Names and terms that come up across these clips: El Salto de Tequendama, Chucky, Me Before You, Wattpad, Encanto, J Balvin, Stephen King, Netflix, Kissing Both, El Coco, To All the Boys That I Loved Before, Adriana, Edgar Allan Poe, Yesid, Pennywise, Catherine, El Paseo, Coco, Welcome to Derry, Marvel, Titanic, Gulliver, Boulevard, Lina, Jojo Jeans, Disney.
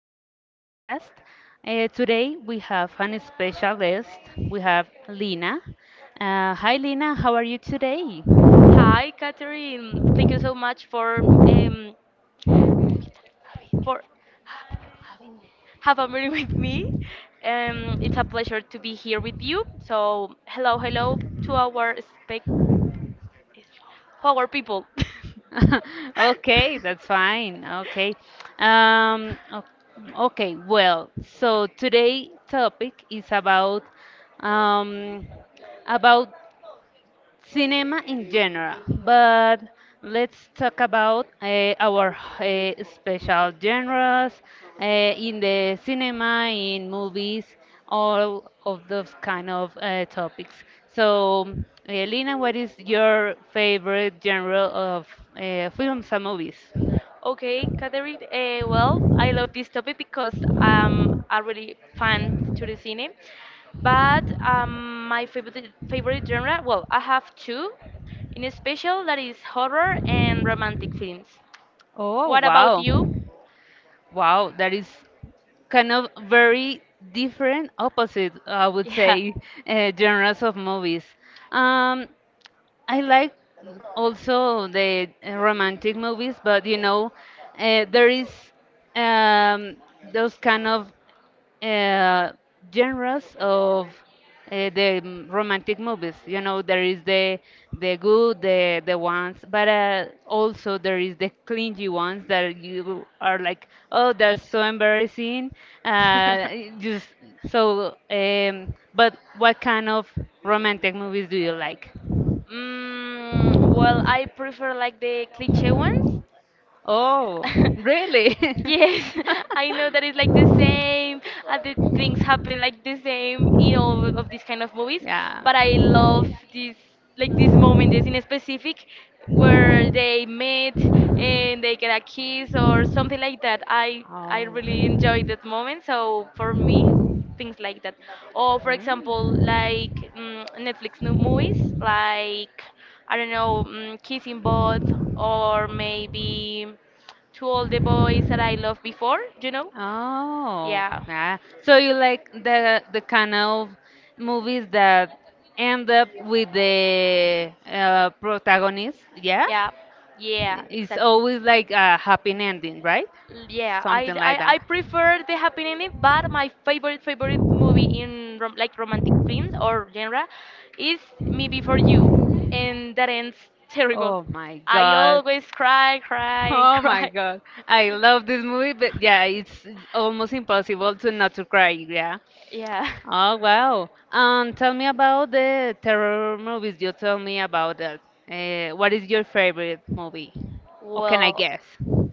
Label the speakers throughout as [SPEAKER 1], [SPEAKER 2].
[SPEAKER 1] daily podcast. Today we have an special guest. We have Lina. Hi, Lina. How are you today?
[SPEAKER 2] Hi, Catherine. Thank you so much for have a meeting with me. It's a pleasure to be here with you. So hello, hello to our spec, our people.
[SPEAKER 1] Okay, that's fine. Okay. Okay, well, so today topic is um, about cinema in general, but let's talk about our special genres uh, in the cinema, in movies, all of those kind of topics. So, Lina, what is your favorite genre of films and movies?
[SPEAKER 2] Okay, Catherine. Well, I love this topic because I'm a really fan to the cine. But my favorite genre, well, I have two, in special that is horror and romantic films.
[SPEAKER 1] Oh,
[SPEAKER 2] What about
[SPEAKER 1] wow.
[SPEAKER 2] you?
[SPEAKER 1] Wow, that is kind of very different opposite, I would
[SPEAKER 2] Yeah.
[SPEAKER 1] say, genres of movies. Um, I like also the romantic movies, but you know, there is um, those kind of uh, genres of romantic movies. You know, there is the good, the ones, but also there is the clingy ones that you are like, oh, they're so embarrassing. It just so, but what kind of romantic movies do you like?
[SPEAKER 2] Well, I prefer like the cliche ones.
[SPEAKER 1] Oh, really?
[SPEAKER 2] Yes, I know that it's like the same, and the things happen like the same in all of these kind of movies. But I
[SPEAKER 1] Yeah.
[SPEAKER 2] love this, like this moment, this in specific, where they meet and they get a kiss or something like that. I
[SPEAKER 1] Oh.
[SPEAKER 2] really enjoy that moment. So for me, things like that. Or for example, like
[SPEAKER 1] Mm,
[SPEAKER 2] Netflix new movies,
[SPEAKER 1] like.
[SPEAKER 2] like I don't know, Kissing Both, or maybe To All the Boys That I Loved Before. You know?
[SPEAKER 1] Oh,
[SPEAKER 2] Yeah.
[SPEAKER 1] yeah. So you like the kind of movies that end up with the protagonist, yeah?
[SPEAKER 2] Yeah. Yeah.
[SPEAKER 1] It's
[SPEAKER 2] Exactly.
[SPEAKER 1] always like a happy ending, right?
[SPEAKER 2] Yeah,
[SPEAKER 1] Something like
[SPEAKER 2] I
[SPEAKER 1] that.
[SPEAKER 2] prefer the happy ending, but my favorite movie in rom like romantic films or genre is Me Before You, and that ends terrible.
[SPEAKER 1] Oh my
[SPEAKER 2] I
[SPEAKER 1] god.
[SPEAKER 2] always cry, cry, and
[SPEAKER 1] Oh my
[SPEAKER 2] cry.
[SPEAKER 1] god. I love this movie, but yeah,
[SPEAKER 2] Yeah.
[SPEAKER 1] it's almost impossible to not to cry, yeah. Oh wow. Um, tell me about the terror movies. You tell me about that. What is your favorite movie? Or can I
[SPEAKER 2] Well,
[SPEAKER 1] guess?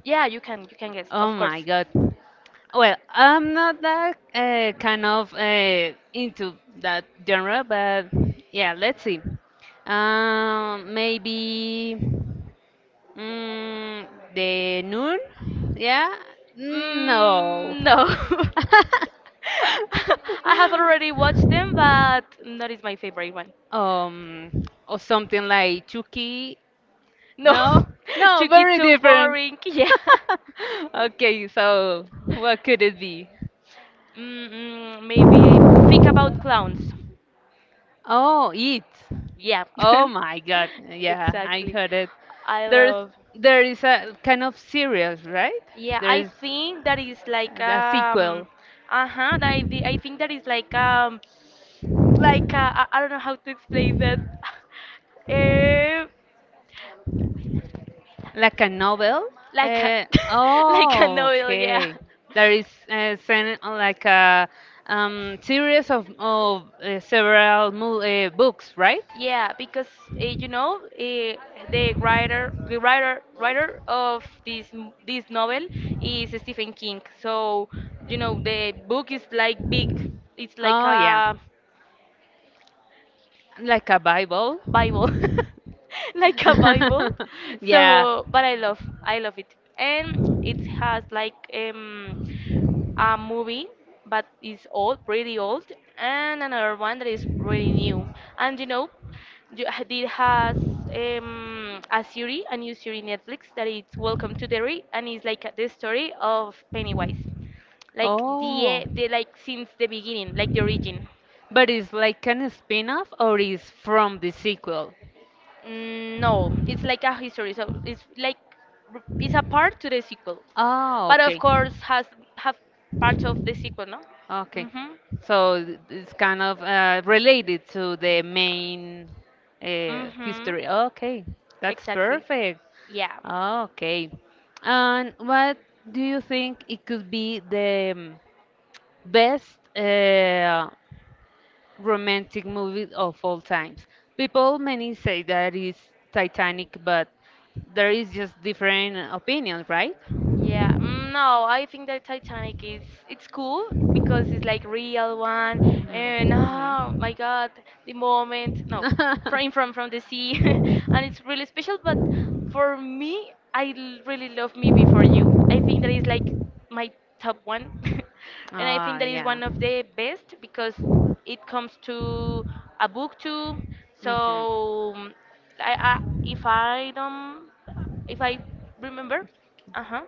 [SPEAKER 2] yeah, you can guess,
[SPEAKER 1] Oh
[SPEAKER 2] of course.
[SPEAKER 1] my god. Well, I'm not that kind of into that genre, but yeah, let's see. Maybe mm, The noon? Yeah? Mm, no.
[SPEAKER 2] Mm, no. I have already watched them, but not is my favorite one.
[SPEAKER 1] Um, or something like Chucky?
[SPEAKER 2] No,
[SPEAKER 1] No? No,
[SPEAKER 2] Chucky
[SPEAKER 1] very
[SPEAKER 2] so
[SPEAKER 1] different.
[SPEAKER 2] boring. Yeah.
[SPEAKER 1] Okay, so what could it be?
[SPEAKER 2] Mm-mm, maybe I think about clowns.
[SPEAKER 1] Oh, it.
[SPEAKER 2] Yeah.
[SPEAKER 1] Oh my God. Yeah, I
[SPEAKER 2] Exactly.
[SPEAKER 1] heard it.
[SPEAKER 2] I
[SPEAKER 1] There's
[SPEAKER 2] love.
[SPEAKER 1] there is a kind of series, right?
[SPEAKER 2] Yeah,
[SPEAKER 1] There
[SPEAKER 2] I
[SPEAKER 1] is
[SPEAKER 2] think that is like
[SPEAKER 1] a sequel,
[SPEAKER 2] uh-huh, I think that is like I don't know how to explain that. uh,
[SPEAKER 1] like a novel.
[SPEAKER 2] like a like an
[SPEAKER 1] Oh,
[SPEAKER 2] oil, yeah.
[SPEAKER 1] okay. There is like a series of, of books, right?
[SPEAKER 2] Yeah, because you know the writer, writer of this this novel is Stephen King. So you know the book is like big. It's like
[SPEAKER 1] Oh, yeah.
[SPEAKER 2] a
[SPEAKER 1] Like a Bible.
[SPEAKER 2] Bible, like a Bible.
[SPEAKER 1] Yeah.
[SPEAKER 2] So, but I love it, and it has like a movie but it's old pretty old and another one that is pretty new and you know it has a series a new series netflix that is welcome to derry and it's like the story of pennywise like
[SPEAKER 1] Oh.
[SPEAKER 2] the like since the beginning like the origin.
[SPEAKER 1] But it's like an spin-off or is from the sequel?
[SPEAKER 2] Mm, no it's like a history so it's like it's a part to the sequel
[SPEAKER 1] Ah,
[SPEAKER 2] but of
[SPEAKER 1] okay.
[SPEAKER 2] course has have parts of the sequel no.
[SPEAKER 1] Okay,
[SPEAKER 2] Mm-hmm.
[SPEAKER 1] it's kind of related to the main
[SPEAKER 2] Mm-hmm.
[SPEAKER 1] history. Okay, that's
[SPEAKER 2] Exactly.
[SPEAKER 1] perfect.
[SPEAKER 2] Yeah.
[SPEAKER 1] Okay, and what do you think it could be the best romantic movie of all times? People many say that is Titanic, but there is just different opinions, right?
[SPEAKER 2] Yeah, no, I think that Titanic is it's cool because it's like real one and oh my God, the moment, no, from the sea, and it's really special. But for me, really love Me Before You. I think that is my top one, and I think that is one of the best because it comes to a book too. So I if I don't if I remember, uh huh,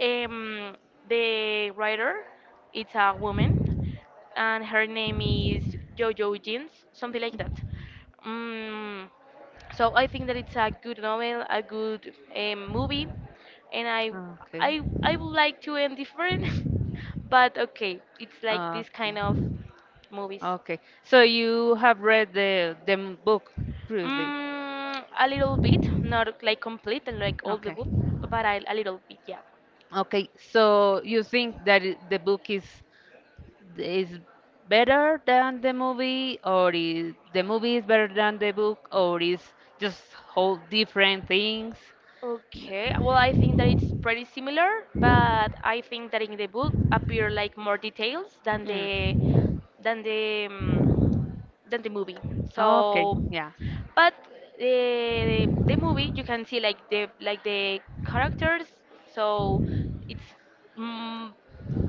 [SPEAKER 2] um, the writer it's a woman, and her name is Jojo Jeans, something like that. Mm, so I think that it's a good novel, a good movie, and I,
[SPEAKER 1] Okay.
[SPEAKER 2] I would like to end different, but okay, it's like this kind
[SPEAKER 1] Okay.
[SPEAKER 2] of movies.
[SPEAKER 1] Okay. So you have read the book previously.
[SPEAKER 2] Mm, a little bit, not like complete and like all the
[SPEAKER 1] Okay.
[SPEAKER 2] book, but I, a little bit, yeah.
[SPEAKER 1] Okay. So you think that the book is is better than the movie, or is the movie is better than the book, or is just whole different things? Yeah.
[SPEAKER 2] Okay, well, I think that it's pretty similar, but I think that in the book appear like more details than the
[SPEAKER 1] Mm.
[SPEAKER 2] than the than the movie.
[SPEAKER 1] Okay,
[SPEAKER 2] So,
[SPEAKER 1] yeah.
[SPEAKER 2] but the movie you can see like the characters. So it's mm,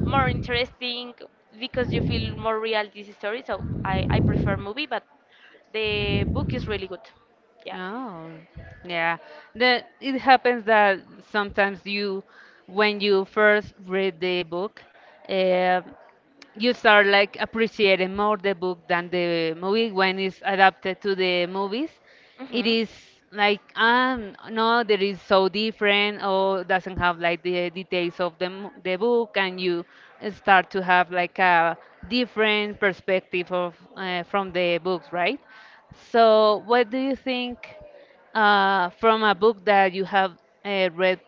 [SPEAKER 2] more interesting because you feel more real this story. So I prefer movie, but the book is really good. Yeah.
[SPEAKER 1] Oh, yeah. The it happens that sometimes you, when you first read the book, uh, you start like appreciating more the book than the movie when it's adapted to the movies. It
[SPEAKER 2] Mhm.
[SPEAKER 1] is like um, no, that is so different or doesn't have like the details of the book, and you start to have like a different perspective of from the books, right? So, what do you think from a book that you have read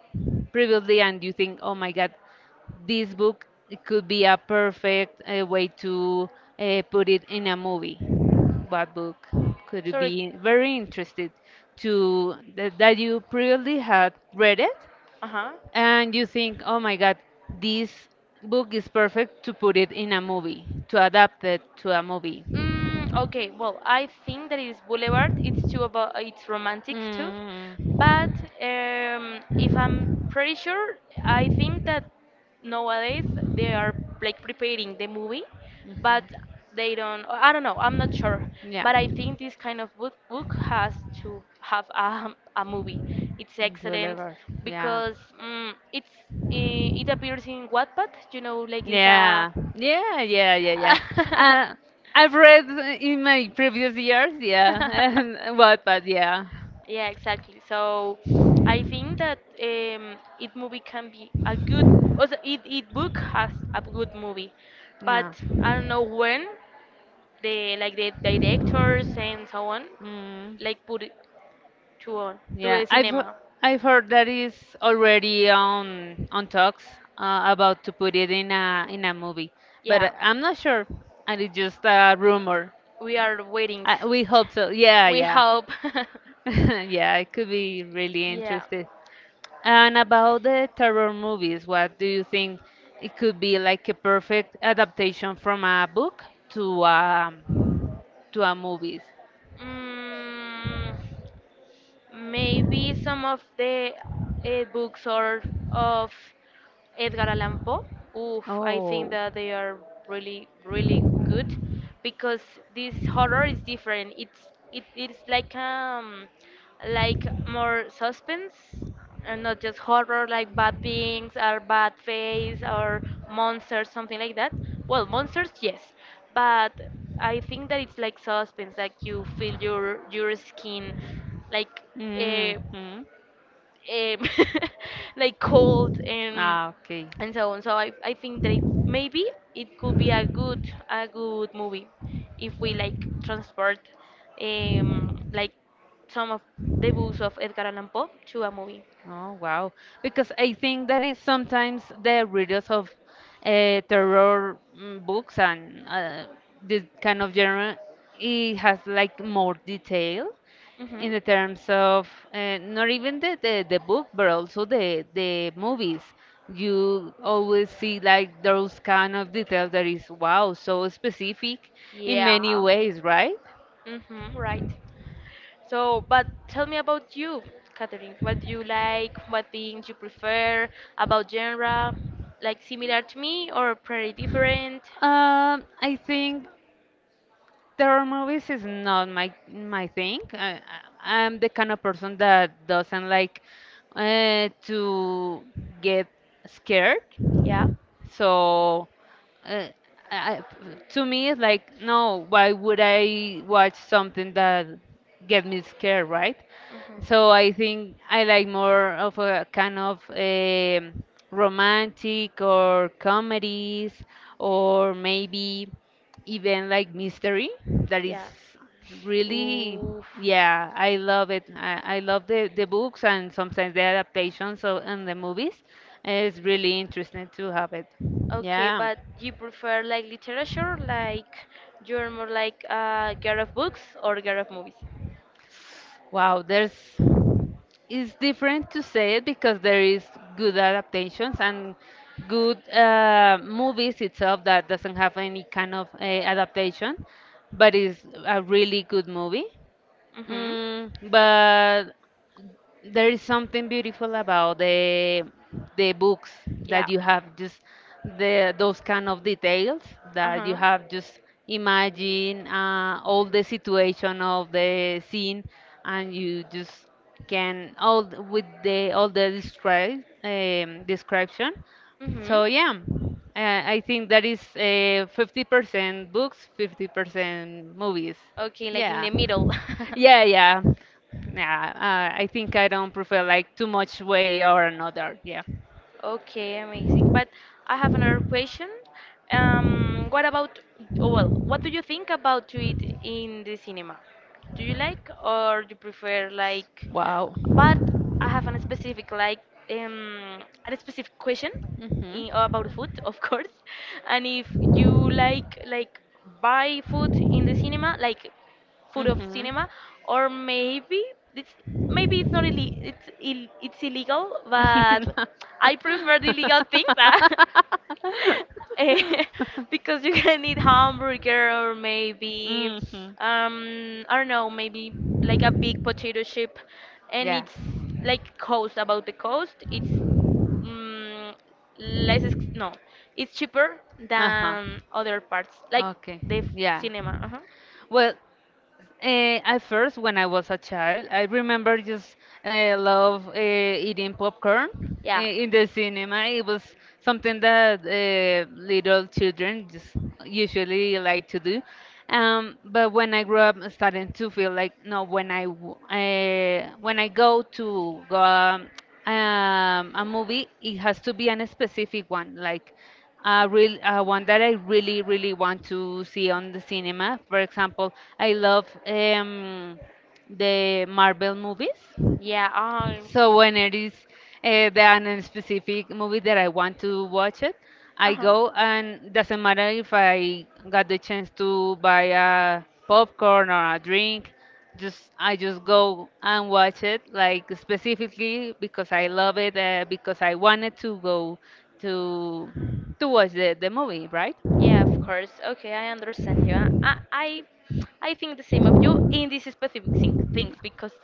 [SPEAKER 1] previously and you think, oh my God, this book it could be a perfect way to put it in a movie? What book could you
[SPEAKER 2] Sorry.
[SPEAKER 1] be very interested to that, that you previously had read it,
[SPEAKER 2] Uh huh.
[SPEAKER 1] and you think, oh my God, this book is perfect to put it in a movie, to adapt it to a movie.
[SPEAKER 2] Mm, okay, well, I think that it's Boulevard. It's too about it's romantic too,
[SPEAKER 1] Mm.
[SPEAKER 2] but if I'm
[SPEAKER 1] Mhm.
[SPEAKER 2] pretty sure, I think that nowadays they are like preparing the movie, but they don't. I don't know. I'm not sure,
[SPEAKER 1] Yeah.
[SPEAKER 2] but I think this kind of book has to have a movie. It's excellent
[SPEAKER 1] Gulliver. Yeah.
[SPEAKER 2] because it's it appears in Wattpad. You know, like it's a.
[SPEAKER 1] Yeah, yeah, yeah, yeah, yeah. Uh, I've read in my previous years, yeah, and what, but yeah,
[SPEAKER 2] yeah, exactly. So I think that it movie can be a good, also it book has a good movie, but
[SPEAKER 1] no,
[SPEAKER 2] I don't know when the like the directors and so on
[SPEAKER 1] mm,
[SPEAKER 2] like put it to on to
[SPEAKER 1] yeah.
[SPEAKER 2] the cinema.
[SPEAKER 1] I've heard that is already on talks about to put it in a movie,
[SPEAKER 2] Yeah,
[SPEAKER 1] but I'm not sure, and it's just a rumor.
[SPEAKER 2] we are waiting.
[SPEAKER 1] We hope so. Yeah,
[SPEAKER 2] We
[SPEAKER 1] yeah,
[SPEAKER 2] hope.
[SPEAKER 1] yeah. It could be really
[SPEAKER 2] yeah.
[SPEAKER 1] interesting. And about the terror movies, what do you think it could be like a perfect adaptation from a book to a to a movies?
[SPEAKER 2] Mm, maybe some of the books or of Edgar Allan Poe. Oof, I think that they are really, really good because this horror is different. It's it's like more suspense and not just horror like bad things or bad face or monsters something like that. Well, monsters yes, but I think that it's like suspense like you feel your skin like. Uh,
[SPEAKER 1] Hmm.
[SPEAKER 2] um, like cold
[SPEAKER 1] Ah, okay.
[SPEAKER 2] and so on. So I think that it, maybe it could be a good movie if we like transport like some of the books of Edgar Allan Poe to a movie.
[SPEAKER 1] Oh, wow. Because I think that is sometimes the readers of books and this kind of genre, it has like more detail
[SPEAKER 2] Hmm
[SPEAKER 1] in the terms of not even the book, but also the movies. You always see like those kind of details that is, wow, so specific in
[SPEAKER 2] Yeah.
[SPEAKER 1] many ways, right?
[SPEAKER 2] hmm right. So, but tell me about you, Catherine. What do you like? What things you prefer about genre? Like similar to me or pretty different?
[SPEAKER 1] I think terror movies is not my my thing. I'm the kind of person that doesn't like to get scared.
[SPEAKER 2] Yeah.
[SPEAKER 1] So uh, I, to me, it's like no. Why would I watch something that get me scared, right? So
[SPEAKER 2] hmm
[SPEAKER 1] I think I like more of a kind of romantic or comedies or maybe event like mystery that is
[SPEAKER 2] Yeah.
[SPEAKER 1] really
[SPEAKER 2] Oof.
[SPEAKER 1] yeah, I love it, I love the books and sometimes the adaptations of, and the movies it's really interesting to have it
[SPEAKER 2] Okay,
[SPEAKER 1] yeah
[SPEAKER 2] but you prefer like literature, like you're more like a girl of books or girl of movies?
[SPEAKER 1] wow there's it's different to say it because there is good adaptations and good movies itself that doesn't have any kind of adaptation but is a really good movie.
[SPEAKER 2] Mm-hmm.
[SPEAKER 1] Mm, but there is something beautiful about the books
[SPEAKER 2] Yeah.
[SPEAKER 1] that you have just the those kind of details that
[SPEAKER 2] Uh-huh.
[SPEAKER 1] you have just imagine all the situation of the scene and you just can with the all the describe description
[SPEAKER 2] Mm-hmm.
[SPEAKER 1] so yeah, I think that is 50% books 50% movies
[SPEAKER 2] Okay, like in
[SPEAKER 1] yeah
[SPEAKER 2] the middle.
[SPEAKER 1] yeah, yeah. Yeah, I think I don't prefer like too much way or another. Yeah.
[SPEAKER 2] Okay, amazing. But I have another question. What about, oh, well, what do you think about to eat in the cinema? Do you like or you prefer like?
[SPEAKER 1] Wow.
[SPEAKER 2] But I have a specific like a specific question
[SPEAKER 1] Hmm.
[SPEAKER 2] in, about food, of course. And if you like buy food in the cinema, like food of cinema, or it's maybe it's not illi it's Ill it's illegal, but I prefer the illegal things ah. Eh, because you can eat
[SPEAKER 1] Hmm.
[SPEAKER 2] hamburger or maybe
[SPEAKER 1] Mm-hmm.
[SPEAKER 2] I don't know maybe like a big potato chip, and
[SPEAKER 1] Yeah.
[SPEAKER 2] it's like cost about the cost it's mm, less no it's cheaper
[SPEAKER 1] Uh-huh.
[SPEAKER 2] than other parts like
[SPEAKER 1] Okay. Yeah.
[SPEAKER 2] cinema. Uh-huh.
[SPEAKER 1] Well, at first, when I was a child, I remember just love eating popcorn
[SPEAKER 2] Yeah.
[SPEAKER 1] in the cinema. It was something that little children just usually like to do. But when I grew up, I started to feel like no, when when I go to go, a movie, it has to be a specific one, like real, one that I really, really want to see on the cinema. For example, I love the Marvel movies.
[SPEAKER 2] Yeah.
[SPEAKER 1] So when it is the specific movie that I want to watch it,
[SPEAKER 2] Uh
[SPEAKER 1] I
[SPEAKER 2] huh.
[SPEAKER 1] go and doesn't matter if I got the chance to buy a popcorn or a drink, just I just go and watch it like specifically because I love it because I wanted to go to to watch the movie, right?
[SPEAKER 2] Yeah, of course. Okay, I understand you. I think the same of you in this specific thing, things because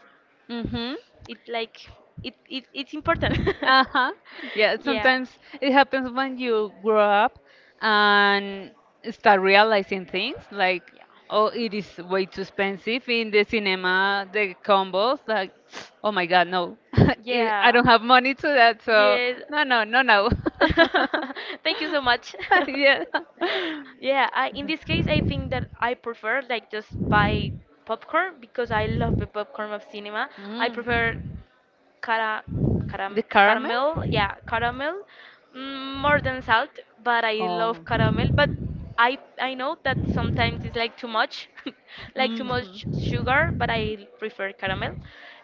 [SPEAKER 1] Mm-hmm.
[SPEAKER 2] it like it it's important.
[SPEAKER 1] Uh-huh. Yeah,
[SPEAKER 2] yeah.
[SPEAKER 1] sometimes it happens when you grow up and start realizing things like, oh, it is way too expensive in the cinema, the combos, like, oh my God, no, I
[SPEAKER 2] Yeah.
[SPEAKER 1] don't have money to that,
[SPEAKER 2] Yeah.
[SPEAKER 1] so
[SPEAKER 2] Yes.
[SPEAKER 1] no, no, no, no.
[SPEAKER 2] Thank you so much.
[SPEAKER 1] Yeah.
[SPEAKER 2] Yeah, I, in this case, I think that I prefer like just buy popcorn because I love the popcorn of cinema. I prefer
[SPEAKER 1] Mm.
[SPEAKER 2] cara,
[SPEAKER 1] The caramel?
[SPEAKER 2] caramel, yeah, caramel, mm, more than salt, but I love
[SPEAKER 1] Oh.
[SPEAKER 2] caramel. But I know that sometimes it's like too much, like too much
[SPEAKER 1] Mhm.
[SPEAKER 2] sugar, but I prefer caramel.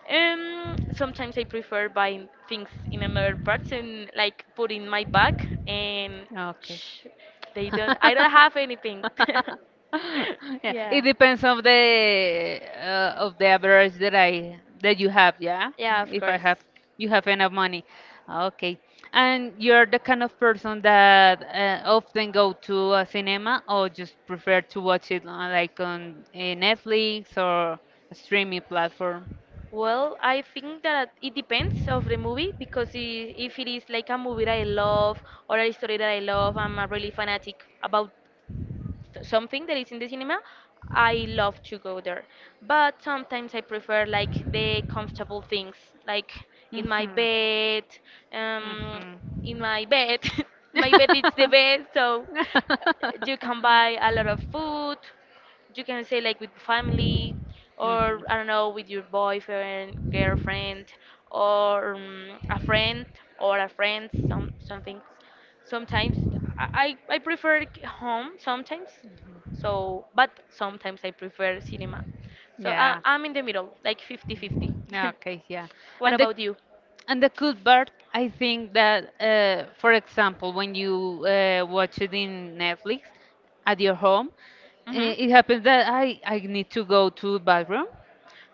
[SPEAKER 2] Sometimes I prefer buying things in another parts and like put in my bag and
[SPEAKER 1] Okay.
[SPEAKER 2] sh they don't. I don't have anything.
[SPEAKER 1] Yeah, it
[SPEAKER 2] yeah,
[SPEAKER 1] depends of the average that I that you have, yeah.
[SPEAKER 2] yeah, of
[SPEAKER 1] If I
[SPEAKER 2] course.
[SPEAKER 1] have You have enough money, okay. And you're the kind of person that often go to a cinema or just prefer to watch it on, like on Netflix or a streaming platform.
[SPEAKER 2] Well, I think that it depends of the movie because if it is like a movie that I love or a story that I love, I'm a really fanatic about something that is in the cinema, I love to go there. But sometimes I prefer like the comfortable things, like
[SPEAKER 1] Mhm.
[SPEAKER 2] in my
[SPEAKER 1] Mhm.
[SPEAKER 2] bed, um, in my bed. my bed is the best, so you can
[SPEAKER 1] Mhm.
[SPEAKER 2] buy a lot of food. You can say like with family,
[SPEAKER 1] Mhm.
[SPEAKER 2] or I don't know, with your boyfriend, girlfriend, or a friend or a friend, some things. Sometimes I prefer home sometimes. So, but sometimes I prefer cinema. So
[SPEAKER 1] Yeah.
[SPEAKER 2] I'm in the middle, like fifty-fifty.
[SPEAKER 1] Mhm. Okay, yeah.
[SPEAKER 2] What
[SPEAKER 1] And the
[SPEAKER 2] about you?
[SPEAKER 1] And the cool part, I think that, for example, when you watch it in Netflix at your home,
[SPEAKER 2] Hmm
[SPEAKER 1] eh, it happens that I need to go to the bathroom.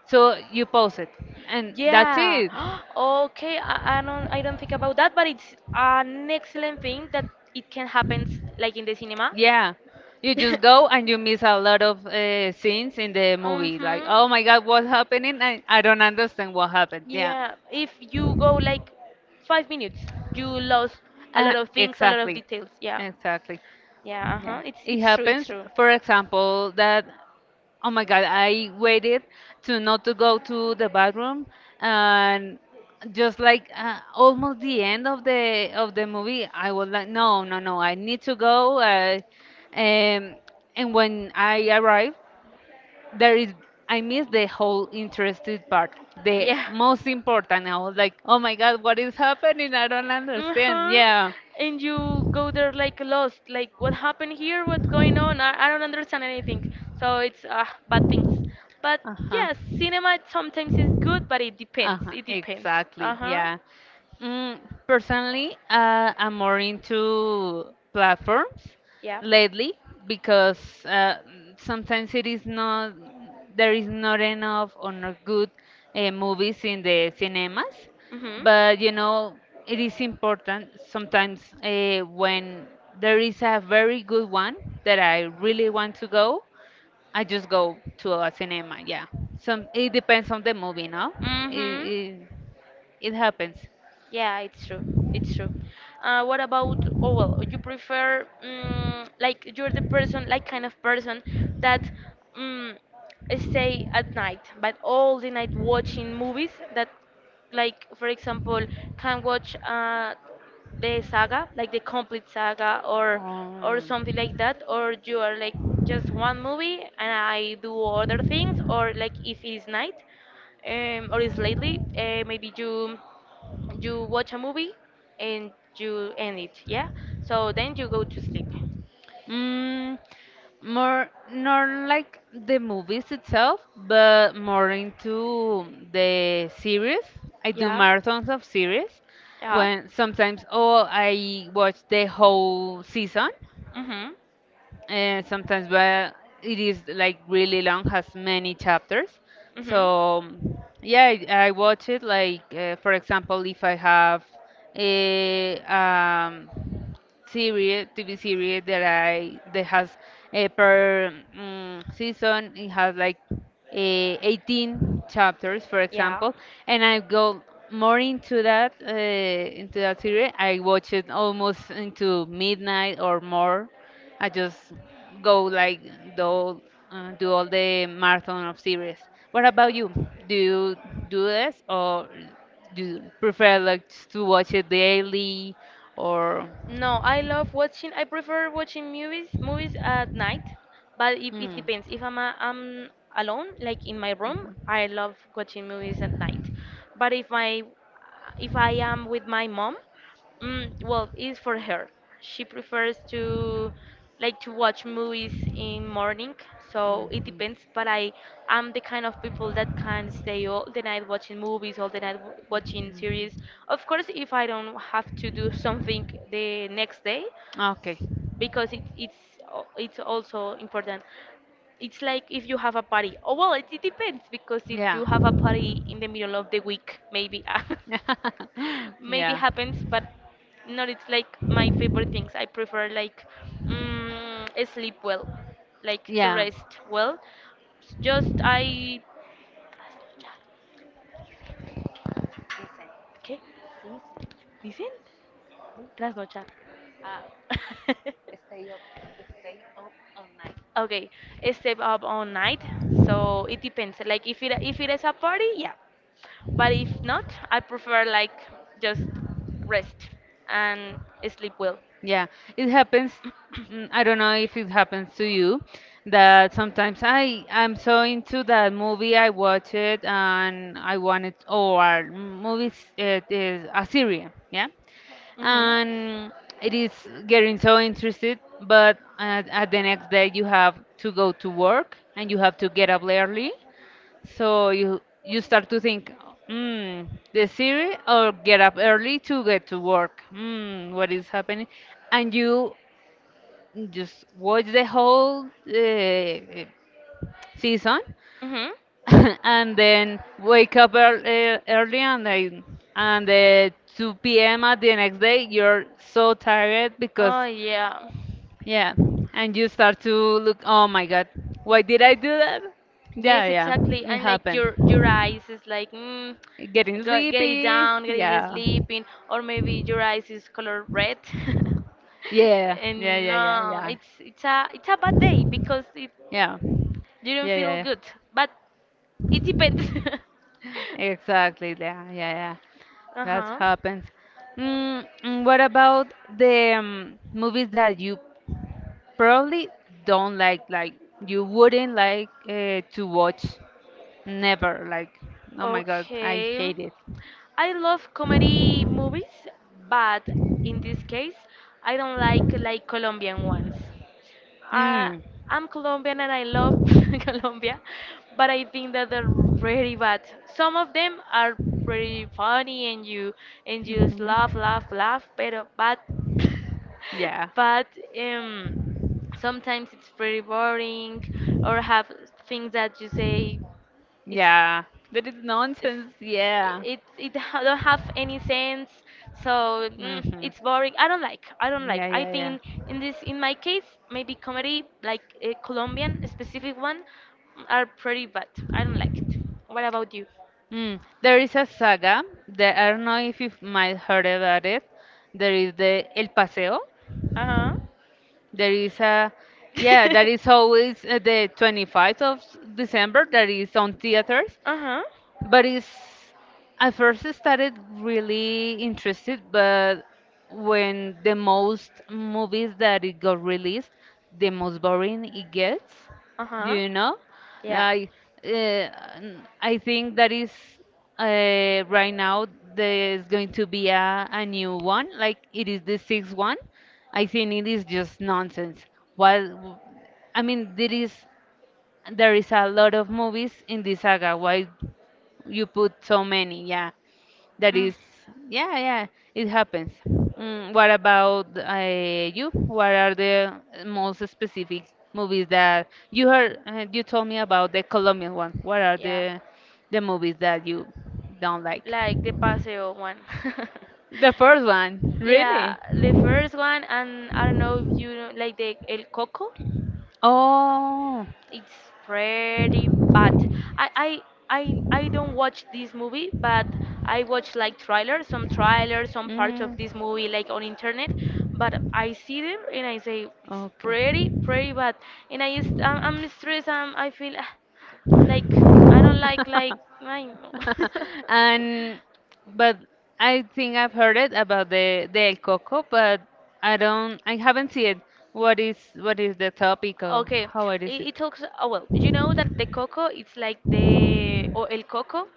[SPEAKER 1] So you pause it, and that's
[SPEAKER 2] Yeah.
[SPEAKER 1] it.
[SPEAKER 2] okay. I don't. I don't think about that, but it's an excellent thing that it can happen like in the cinema.
[SPEAKER 1] Yeah. You just go and you miss a lot of scenes in the movie. Like,
[SPEAKER 2] Mhm.
[SPEAKER 1] oh my God, what's happening? I don't understand what happened. Yeah.
[SPEAKER 2] Yeah, if you go like 5 minutes, you lost a lot of things, a lot of
[SPEAKER 1] Exactly.
[SPEAKER 2] details. Yeah,
[SPEAKER 1] Exactly.
[SPEAKER 2] yeah, uh huh.
[SPEAKER 1] Yeah. It
[SPEAKER 2] It's true, it's
[SPEAKER 1] happens,
[SPEAKER 2] true.
[SPEAKER 1] for example, that oh my God, I waited to not to go to the bathroom and just like almost the end of the movie, I was like, no, no, no, I need to go. Um, and when I arrived, there is I missed the whole interested part, the
[SPEAKER 2] Yeah.
[SPEAKER 1] most important. I was like, oh my God, what is happening? I don't understand.
[SPEAKER 2] Uh-huh.
[SPEAKER 1] Yeah.
[SPEAKER 2] And you go there like lost, like what happened here? What's going on? I don't understand anything. So it's bad things. But
[SPEAKER 1] Uh-huh.
[SPEAKER 2] yes, cinema sometimes is good, but it depends.
[SPEAKER 1] Uh-huh.
[SPEAKER 2] It depends.
[SPEAKER 1] Exactly.
[SPEAKER 2] Uh-huh.
[SPEAKER 1] Yeah. Mm, personally, I'm more into platforms
[SPEAKER 2] Yeah.
[SPEAKER 1] lately because sometimes it is not there is not enough or not good movies in the cinemas,
[SPEAKER 2] hmm
[SPEAKER 1] but you know it is important sometimes when there is a very good one that I really want to go. I just go to a cinema. Yeah. Some it depends on the movie, no? It
[SPEAKER 2] Mm-hmm.
[SPEAKER 1] it, it happens.
[SPEAKER 2] Yeah, it's true. It's true. What about, oh well, you prefer, like, you're the person, like, kind of person that mm stay at night, but all the night watching movies that, like, for example, can watch the saga, like the complete saga, or something like that, or you are like just one movie and I do other things,
[SPEAKER 1] Oh.
[SPEAKER 2] or like if it is night, or it's lately, maybe you watch a movie and you end it, yeah? So then you go to sleep.
[SPEAKER 1] Mm, more not like the movies itself, but more into the series. I do
[SPEAKER 2] Yeah.
[SPEAKER 1] marathons of series
[SPEAKER 2] Yeah.
[SPEAKER 1] when sometimes oh I watch the whole season
[SPEAKER 2] Mhm.
[SPEAKER 1] and sometimes, but it is like really long, has many chapters. So
[SPEAKER 2] Mhm.
[SPEAKER 1] yeah, I watch it. Like for example, if I have a TV series that has per season it has like 18 chapters, for
[SPEAKER 2] Yeah.
[SPEAKER 1] example, and I go more into that series. I watch it almost into midnight or more. I just go like do do all the marathon of series. What about you? Do you do this or do you prefer like to watch it daily or?
[SPEAKER 2] No, I love watching. I prefer watching movies at night, but
[SPEAKER 1] Hmm. Mhm.
[SPEAKER 2] it
[SPEAKER 1] Mhm. Mhm.
[SPEAKER 2] depends. If I'm alone, like in my room, I love watching movies at night. But if I am with my mom, well, it's for her. She prefers to like to watch movies in morning, so it depends. But I am the kind of people that can stay all the night watching movies, all the night w watching series. Of course, if I don't have to do something the next day,
[SPEAKER 1] Okay.
[SPEAKER 2] because it's also important. It's like if you have a party. Oh well, it depends because if
[SPEAKER 1] Yeah.
[SPEAKER 2] you have a party in the middle of the week, maybe. Maybe
[SPEAKER 1] yeah.
[SPEAKER 2] happens, but not, it's like my favorite things. I prefer like mm, sleep well, like to
[SPEAKER 1] Yeah,
[SPEAKER 2] rest well, just I trasnochar. ¿Qué dicen? Trasnochar. Okay, step up all night. So it depends, like if it is a party, yeah, but if not, I prefer like just rest and sleep well.
[SPEAKER 1] yeah. It happens. I don't know if it happens to you that sometimes I'm so into that movie I watch it and I want it or movies it is a series, yeah.
[SPEAKER 2] Hmm.
[SPEAKER 1] And it is getting so interested, but at the next day you have to go to work and you have to get up early, so you start to think, mm, the series or get up early to get to work. What is happening? And you just watch the whole season.
[SPEAKER 2] Mm-hmm.
[SPEAKER 1] And then wake up early, and then and 2 p.m. at the next day you're so tired because
[SPEAKER 2] Oh yeah.
[SPEAKER 1] yeah. And you start to look, oh my God, why did I do that? Yeah,
[SPEAKER 2] Yes,
[SPEAKER 1] yeah.
[SPEAKER 2] exactly.
[SPEAKER 1] It
[SPEAKER 2] And like
[SPEAKER 1] happened.
[SPEAKER 2] your eyes is like
[SPEAKER 1] Getting
[SPEAKER 2] go, get it
[SPEAKER 1] sleepy.
[SPEAKER 2] down, get it
[SPEAKER 1] Yeah,
[SPEAKER 2] sleeping, or maybe your eyes is color red.
[SPEAKER 1] yeah, yeah,
[SPEAKER 2] And
[SPEAKER 1] yeah, yeah,
[SPEAKER 2] no,
[SPEAKER 1] yeah,
[SPEAKER 2] it's a bad day because it
[SPEAKER 1] yeah,
[SPEAKER 2] you don't
[SPEAKER 1] yeah,
[SPEAKER 2] feel
[SPEAKER 1] yeah, yeah,
[SPEAKER 2] good. But it depends.
[SPEAKER 1] exactly, yeah, yeah, yeah.
[SPEAKER 2] Uh
[SPEAKER 1] That
[SPEAKER 2] huh.
[SPEAKER 1] happens. Mm, and what about the movies that you probably don't like you wouldn't like to watch? Never, like, oh my God, I
[SPEAKER 2] Okay,
[SPEAKER 1] hate it.
[SPEAKER 2] I love comedy movies, but in this case, I don't like Colombian ones. I,
[SPEAKER 1] Mm.
[SPEAKER 2] I'm Colombian and I love Colombia, but I think that they're very bad. Some of them are pretty funny, and you just
[SPEAKER 1] Mhm.
[SPEAKER 2] laugh, laugh, laugh. Pero, but
[SPEAKER 1] Yeah.
[SPEAKER 2] but um, sometimes it's pretty boring or have things that you say it's,
[SPEAKER 1] Yeah, that is nonsense. Yeah.
[SPEAKER 2] it don't have any sense. So
[SPEAKER 1] Hmm.
[SPEAKER 2] it's boring. I don't like,
[SPEAKER 1] Yeah,
[SPEAKER 2] I
[SPEAKER 1] yeah, yeah.
[SPEAKER 2] think in this in my case, maybe comedy like a Colombian specific one are pretty bad. I don't like it. What about you?
[SPEAKER 1] Mm. There is a saga that I don't know if you might heard about it. There is the El Paseo.
[SPEAKER 2] Uh-huh.
[SPEAKER 1] There is a, yeah, that is always the 25th of s- December. That is on theaters.
[SPEAKER 2] Uh-huh.
[SPEAKER 1] But it's, at first I started really interested, but when the most movies that it got released, the most boring it gets,
[SPEAKER 2] Uh-huh.
[SPEAKER 1] you know?
[SPEAKER 2] Yeah,
[SPEAKER 1] I, I think that is right now there's going to be a new one, like it is the sixth one. I think it is just nonsense. While I mean there is a lot of movies in this saga. Why you put so many, yeah. That is, yeah, yeah, it happens. Mm, what about you? What are the most specific movies that you heard? You told me about the Colombian one. What are the movies that you don't
[SPEAKER 2] like?
[SPEAKER 1] like?
[SPEAKER 2] Like the Paseo one.
[SPEAKER 1] The first one,
[SPEAKER 2] Yeah,
[SPEAKER 1] really?
[SPEAKER 2] the first one, and I don't know if you know, like the El Coco.
[SPEAKER 1] Oh.
[SPEAKER 2] It's pretty bad. I I I don't watch this movie, but I watch like trailers, some parts of this
[SPEAKER 1] Mm.
[SPEAKER 2] movie like on internet. But I see them and I say it's
[SPEAKER 1] Okay.
[SPEAKER 2] pretty pretty bad, and I'm stressed. I feel ah, like I don't like I know.
[SPEAKER 1] And but I think I've heard it about the El Coco, but I haven't seen it. What is what is the topic or
[SPEAKER 2] Okay,
[SPEAKER 1] how it is it?
[SPEAKER 2] it talks. Oh well, you know that the coco, it's like the or el coco,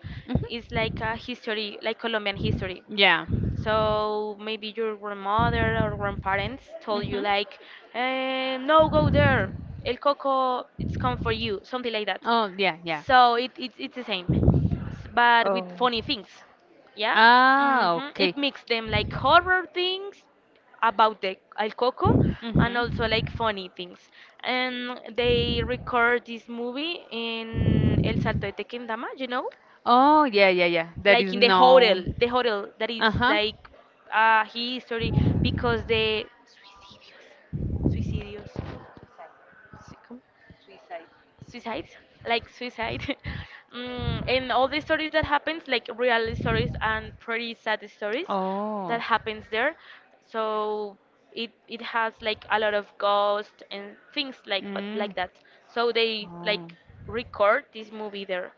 [SPEAKER 2] is like
[SPEAKER 1] Mhm.
[SPEAKER 2] a history, like Colombian history.
[SPEAKER 1] Yeah.
[SPEAKER 2] So maybe your grandmother or grandparents told you
[SPEAKER 1] Hmm.
[SPEAKER 2] like, eh, no, go there. El coco, it's come for you, something like that.
[SPEAKER 1] Oh, yeah, yeah.
[SPEAKER 2] So it's the same, but with funny things. Yeah.
[SPEAKER 1] Ah,
[SPEAKER 2] Hmm.
[SPEAKER 1] okay.
[SPEAKER 2] It mixed them like horror things about the El Coco and also like
[SPEAKER 1] Mm-hmm.
[SPEAKER 2] funny things. And they record this movie in El Salto de Tequendama, you know?
[SPEAKER 1] Oh, yeah, yeah, yeah. That
[SPEAKER 2] Like
[SPEAKER 1] is
[SPEAKER 2] in
[SPEAKER 1] known.
[SPEAKER 2] the hotel that is
[SPEAKER 1] Uh-huh.
[SPEAKER 2] like a history because the suicidios. Sí, ¿cómo? Suicides, like suicide. Mm, and all the stories that happens, like real stories and pretty sad stories that
[SPEAKER 1] Oh.
[SPEAKER 2] happens there. So it has like a lot of ghosts and things like but
[SPEAKER 1] Mm.
[SPEAKER 2] like that, so they
[SPEAKER 1] Oh.
[SPEAKER 2] like record this movie there.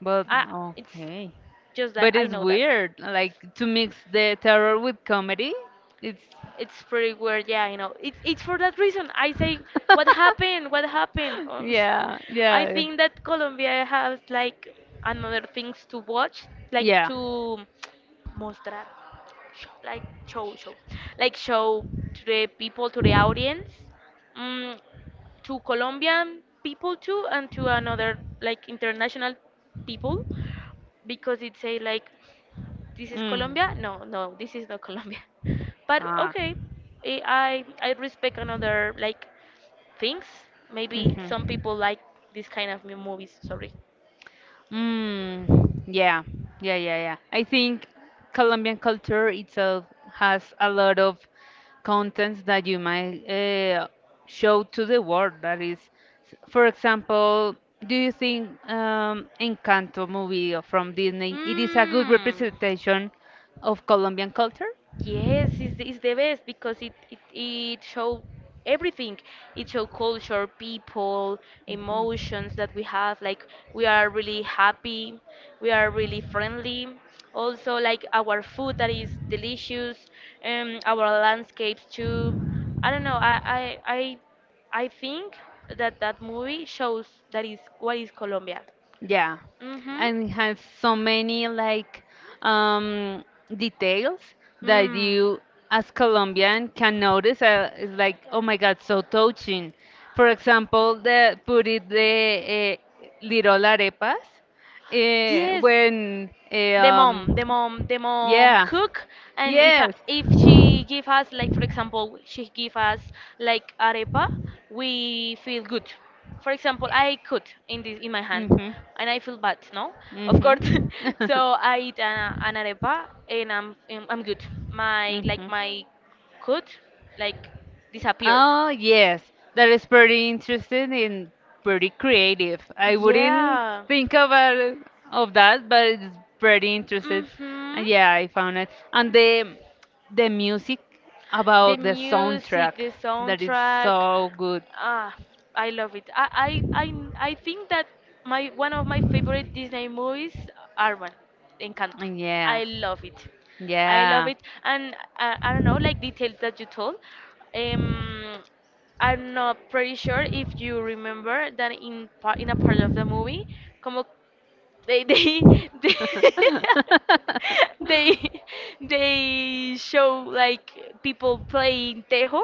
[SPEAKER 1] But
[SPEAKER 2] Ah, it's
[SPEAKER 1] okay.
[SPEAKER 2] just that
[SPEAKER 1] But
[SPEAKER 2] I
[SPEAKER 1] it's
[SPEAKER 2] know that
[SPEAKER 1] weird, like to mix the terror with comedy. It's,
[SPEAKER 2] it's pretty weird, yeah, you know. It's for that reason I say, what happened? What happened?
[SPEAKER 1] yeah,
[SPEAKER 2] I
[SPEAKER 1] yeah,
[SPEAKER 2] think that Colombia has like another things to watch, like
[SPEAKER 1] yeah.
[SPEAKER 2] to mostrar, like show, like show to the people, to the audience, mm, to Colombian people too, and to another like international people, because it's say like this is
[SPEAKER 1] Mm.
[SPEAKER 2] Colombia? No, no, this is not Colombia. But
[SPEAKER 1] Ah.
[SPEAKER 2] okay, eh, I respect another like things. Maybe some
[SPEAKER 1] Hmm.
[SPEAKER 2] people like this kind of movies. Sorry.
[SPEAKER 1] Mm, yeah, yeah, yeah, yeah. I think Colombian culture itself has a lot of contents that you might show to the world. That is, s- for example, do you think Encanto movie from Disney, it is a good representation of Colombian culture?
[SPEAKER 2] Mm. Yes, it's, it's the best because it shows everything. It shows culture, people, emotions that we have. Like we are really happy, we are really friendly. Also, like our food that is delicious, our landscapes too. I don't know. I think that that movie shows that is what is Colombia.
[SPEAKER 1] Yeah,
[SPEAKER 2] Mhm.
[SPEAKER 1] and it has so many like um, details that
[SPEAKER 2] Mm.
[SPEAKER 1] you, as Colombian, can notice. It's like, oh my God, so touching. For example, the puri de Little Arepas, eh,
[SPEAKER 2] Yes,
[SPEAKER 1] when eh,
[SPEAKER 2] the mom
[SPEAKER 1] yeah,
[SPEAKER 2] cook, and
[SPEAKER 1] yes,
[SPEAKER 2] if she give us, like for example, she give us like arepa, we feel good. For example, I cut in this in my hand,
[SPEAKER 1] hmm.
[SPEAKER 2] and I feel bad, no? Of course.
[SPEAKER 1] Mhm.
[SPEAKER 2] So I eat an arepa, and I'm good. My, like
[SPEAKER 1] Mhm.
[SPEAKER 2] my cut like disappear.
[SPEAKER 1] Oh yes, that is pretty interesting and pretty creative. I wouldn't
[SPEAKER 2] Yeah.
[SPEAKER 1] think about it- of that, but it's pretty interesting.
[SPEAKER 2] Mhm.
[SPEAKER 1] And yeah, I found it. And the music
[SPEAKER 2] The
[SPEAKER 1] about the
[SPEAKER 2] music,
[SPEAKER 1] soundtrack,
[SPEAKER 2] the
[SPEAKER 1] that is
[SPEAKER 2] soundtrack,
[SPEAKER 1] so good.
[SPEAKER 2] ah, I love it. I think that my one of my favorite Disney movies are one, Encanto.
[SPEAKER 1] Yeah.
[SPEAKER 2] I love it. I love
[SPEAKER 1] Yeah.
[SPEAKER 2] it, and I don't know, like details that you told. Um, I'm not pretty sure if you remember that in part in a part of the movie, como they they, they they they show like people playing tejo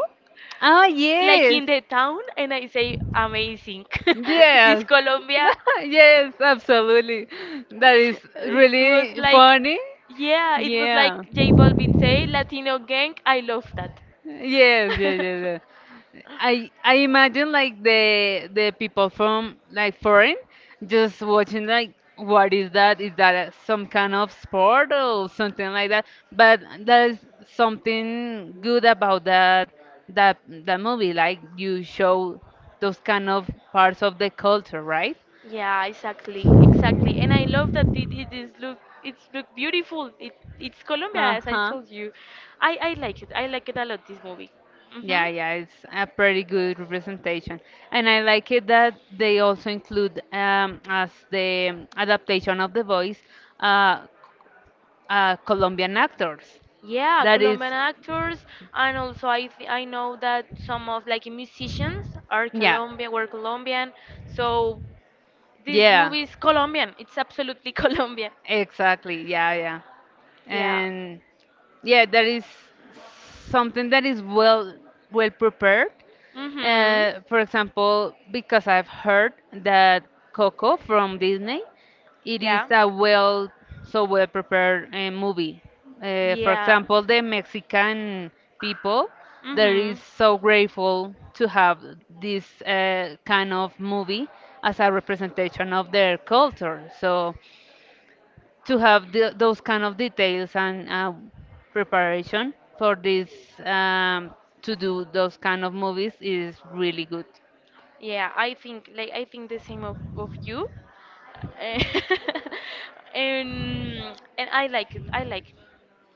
[SPEAKER 1] Ah,
[SPEAKER 2] like
[SPEAKER 1] yes.
[SPEAKER 2] in the town, and I say amazing. This is
[SPEAKER 1] Yes.
[SPEAKER 2] Colombia.
[SPEAKER 1] Yes, absolutely. That is
[SPEAKER 2] It was
[SPEAKER 1] really
[SPEAKER 2] like
[SPEAKER 1] funny.
[SPEAKER 2] yeah, it was like
[SPEAKER 1] Yeah.
[SPEAKER 2] J Balvin say, latino gang. I love that.
[SPEAKER 1] Yes, yes, yes, yes. I imagine like the people from like foreign just watching like, what is that? Is that a- some kind of sport or something like that? But there is something good about that, that that movie. Like you show those kind of parts of the culture, right?
[SPEAKER 2] Yeah, exactly, exactly. And I love that it is look, it's look beautiful. It's Colombia, as I
[SPEAKER 1] Uh-huh.
[SPEAKER 2] told you. I like it. I like it a lot. This movie. Mhm.
[SPEAKER 1] Yeah, yeah, it's a pretty good representation. And I like it that they also include as the adaptation of the voice uh, Colombian actors.
[SPEAKER 2] Yeah,
[SPEAKER 1] That is,
[SPEAKER 2] Colombian actors, and also I know that some of like musicians are
[SPEAKER 1] yeah,
[SPEAKER 2] Colombian, were Colombian. So this
[SPEAKER 1] yeah,
[SPEAKER 2] movie is Colombian. It's absolutely Colombian.
[SPEAKER 1] exactly, yeah, yeah.
[SPEAKER 2] Yeah.
[SPEAKER 1] And yeah, that is something that is well well prepared,
[SPEAKER 2] Mhm.
[SPEAKER 1] for example, because I've heard that Coco from Disney, it is
[SPEAKER 2] Yeah.
[SPEAKER 1] a well so well prepared movie. For
[SPEAKER 2] Yeah.
[SPEAKER 1] example, the Mexican people, there is
[SPEAKER 2] Mhm.
[SPEAKER 1] so grateful to have this kind of movie as a representation of their culture. So to have the, those kind of details and preparation for this um, to do those kind of movies is really good.
[SPEAKER 2] Yeah, I think like I think the same of you. Eh, and I like it. I like it.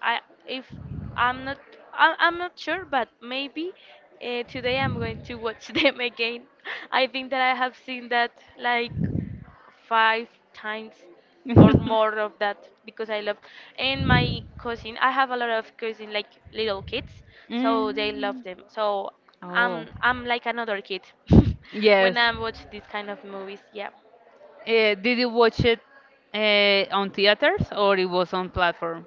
[SPEAKER 2] I if I'm not, I'm not sure, but maybe today I'm going to watch them again. I think that I have seen that like five times or more of that because I love, and my cousin, I have a lot of cousin, like little kids, so they love
[SPEAKER 1] Mm.
[SPEAKER 2] them. So
[SPEAKER 1] Oh,
[SPEAKER 2] I'm like another kid when
[SPEAKER 1] yes.
[SPEAKER 2] I watch these kind of movies, yeah.
[SPEAKER 1] Did you watch it on theaters or it was on platform?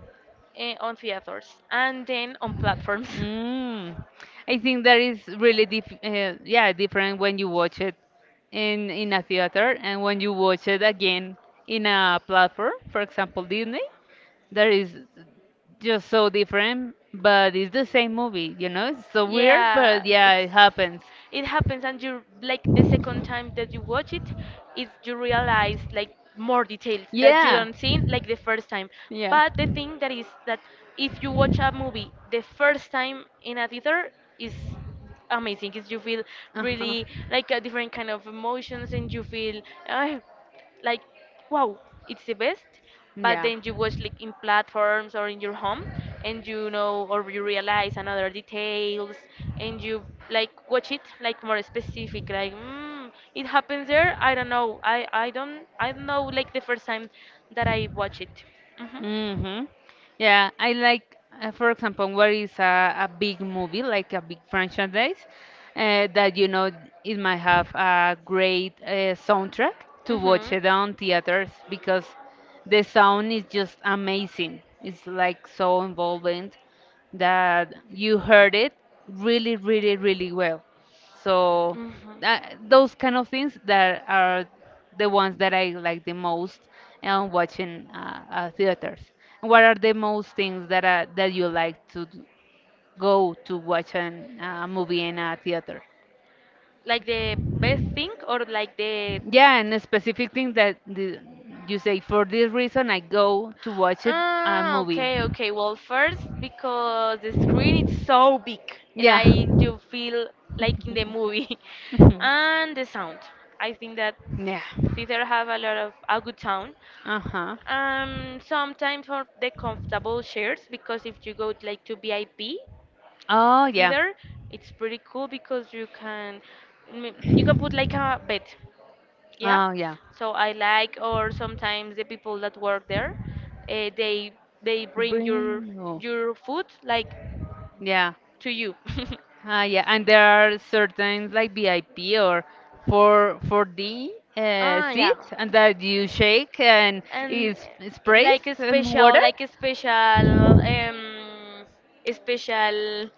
[SPEAKER 2] Eh, on theaters and then on platforms.
[SPEAKER 1] Mm. I think that is really diff yeah, different when you watch it in a theater and when you watch it again in a platform, for example, Disney. That is just so different, but it's the same movie, you know? It's so weird,
[SPEAKER 2] Yeah,
[SPEAKER 1] but yeah,
[SPEAKER 2] it's,
[SPEAKER 1] it happens.
[SPEAKER 2] it happens. And you like the second time that you watch it is you realize like more details that you
[SPEAKER 1] Yeah.
[SPEAKER 2] don't see like the first time.
[SPEAKER 1] Yeah.
[SPEAKER 2] But the thing that is that if you watch a movie the first time in a theater is amazing, is you feel really like a different kind of emotions, and you feel uh, like wow, it's the best. But then you watch like in platforms or in your home, and you know, or you realize another details, and you like watch it like more specific, like it happens there. I don't know. I don't know, like the first time that I watch it. Hmm.
[SPEAKER 1] Mm-hmm. Yeah, I like, for example, what is a big movie, like a big franchise, that you know it might have a great soundtrack to watch
[SPEAKER 2] Hmm.
[SPEAKER 1] it on theaters because the sound is just amazing. It's like so involving that you heard it really, really, really well. So
[SPEAKER 2] Mhm.
[SPEAKER 1] that, those kind of things that are the ones that I like the most and watching theaters. What are the most things that that you like to go to watch an, a movie in a theater?
[SPEAKER 2] Like the best thing, or like the…
[SPEAKER 1] Yeah, and a specific thing that the, you say, for this reason I go to watch it a
[SPEAKER 2] Ah,
[SPEAKER 1] movie.
[SPEAKER 2] okay, okay. Well, first because the screen is so big and
[SPEAKER 1] Yeah.
[SPEAKER 2] I do feel like in the movie,
[SPEAKER 1] Mhm.
[SPEAKER 2] and the sound. I think that
[SPEAKER 1] Yeah.
[SPEAKER 2] theater have a lot of a good sound.
[SPEAKER 1] Uh huh.
[SPEAKER 2] Sometimes for the comfortable chairs because if you go like to VIP
[SPEAKER 1] Oh, yeah.
[SPEAKER 2] theater, it's pretty cool because you can you can put like a bed, yeah.
[SPEAKER 1] Oh, yeah.
[SPEAKER 2] So I like, or sometimes the people that work there they bring
[SPEAKER 1] Bring. Oh.
[SPEAKER 2] your food, like
[SPEAKER 1] Yeah.
[SPEAKER 2] to you.
[SPEAKER 1] Ah, yeah, and there are certain like VIP or for D
[SPEAKER 2] Ah yeah,
[SPEAKER 1] seats, and that you shake and
[SPEAKER 2] and
[SPEAKER 1] is sprays
[SPEAKER 2] like a
[SPEAKER 1] water.
[SPEAKER 2] special um, a special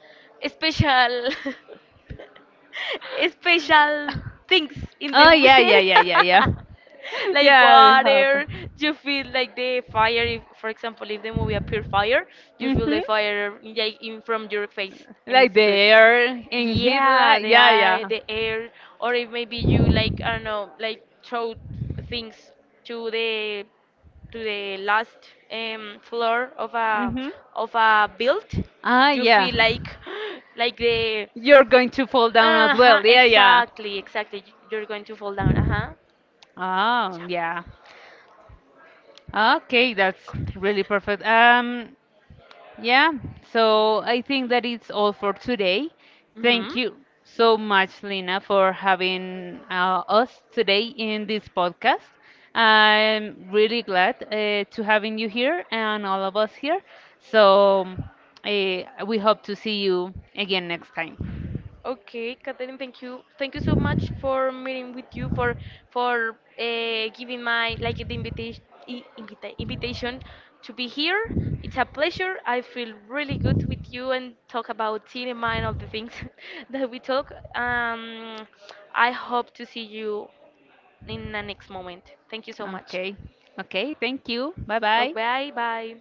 [SPEAKER 2] a special special things in the
[SPEAKER 1] Oh yeah, yeah,
[SPEAKER 2] morning.
[SPEAKER 1] yeah, yeah, yeah,
[SPEAKER 2] Like
[SPEAKER 1] yeah. It happened.
[SPEAKER 2] water. You feel like the fire if, for example, if the movie appear fire, you feel
[SPEAKER 1] Mhm.
[SPEAKER 2] the fire like in from your face, and
[SPEAKER 1] Like
[SPEAKER 2] it's
[SPEAKER 1] the
[SPEAKER 2] good.
[SPEAKER 1] air in heat,
[SPEAKER 2] Yeah,
[SPEAKER 1] like yeah, yeah.
[SPEAKER 2] the air. Or if maybe you like, I don't know, like throw things to the, to the last floor of a
[SPEAKER 1] Mm-hmm.
[SPEAKER 2] build,
[SPEAKER 1] Ah,
[SPEAKER 2] you
[SPEAKER 1] yeah.
[SPEAKER 2] feel like like the…
[SPEAKER 1] You're going to fall down as
[SPEAKER 2] Uh-huh,
[SPEAKER 1] well. Yeah, yeah.
[SPEAKER 2] exactly, exactly. You're going to fall down. Uh-huh.
[SPEAKER 1] Oh, yeah. Okay, that's really perfect. Yeah, so I think that it's all for today. Thank
[SPEAKER 2] Mm-hmm.
[SPEAKER 1] you so much, Lina, for having us today in this podcast. I'm really glad to having you here and all of us here. So we hope to see you again next time.
[SPEAKER 2] Okay, Catherine, thank you. Thank you so much for meeting with you, for giving my like the invitation, invitation to be here. It's a pleasure. I feel really good with you and talk about cinema and all the things that we talk. I hope to see you in the next moment. Thank you so much.
[SPEAKER 1] Okay, okay, thank you. Bye
[SPEAKER 2] Oh,
[SPEAKER 1] bye.
[SPEAKER 2] bye bye.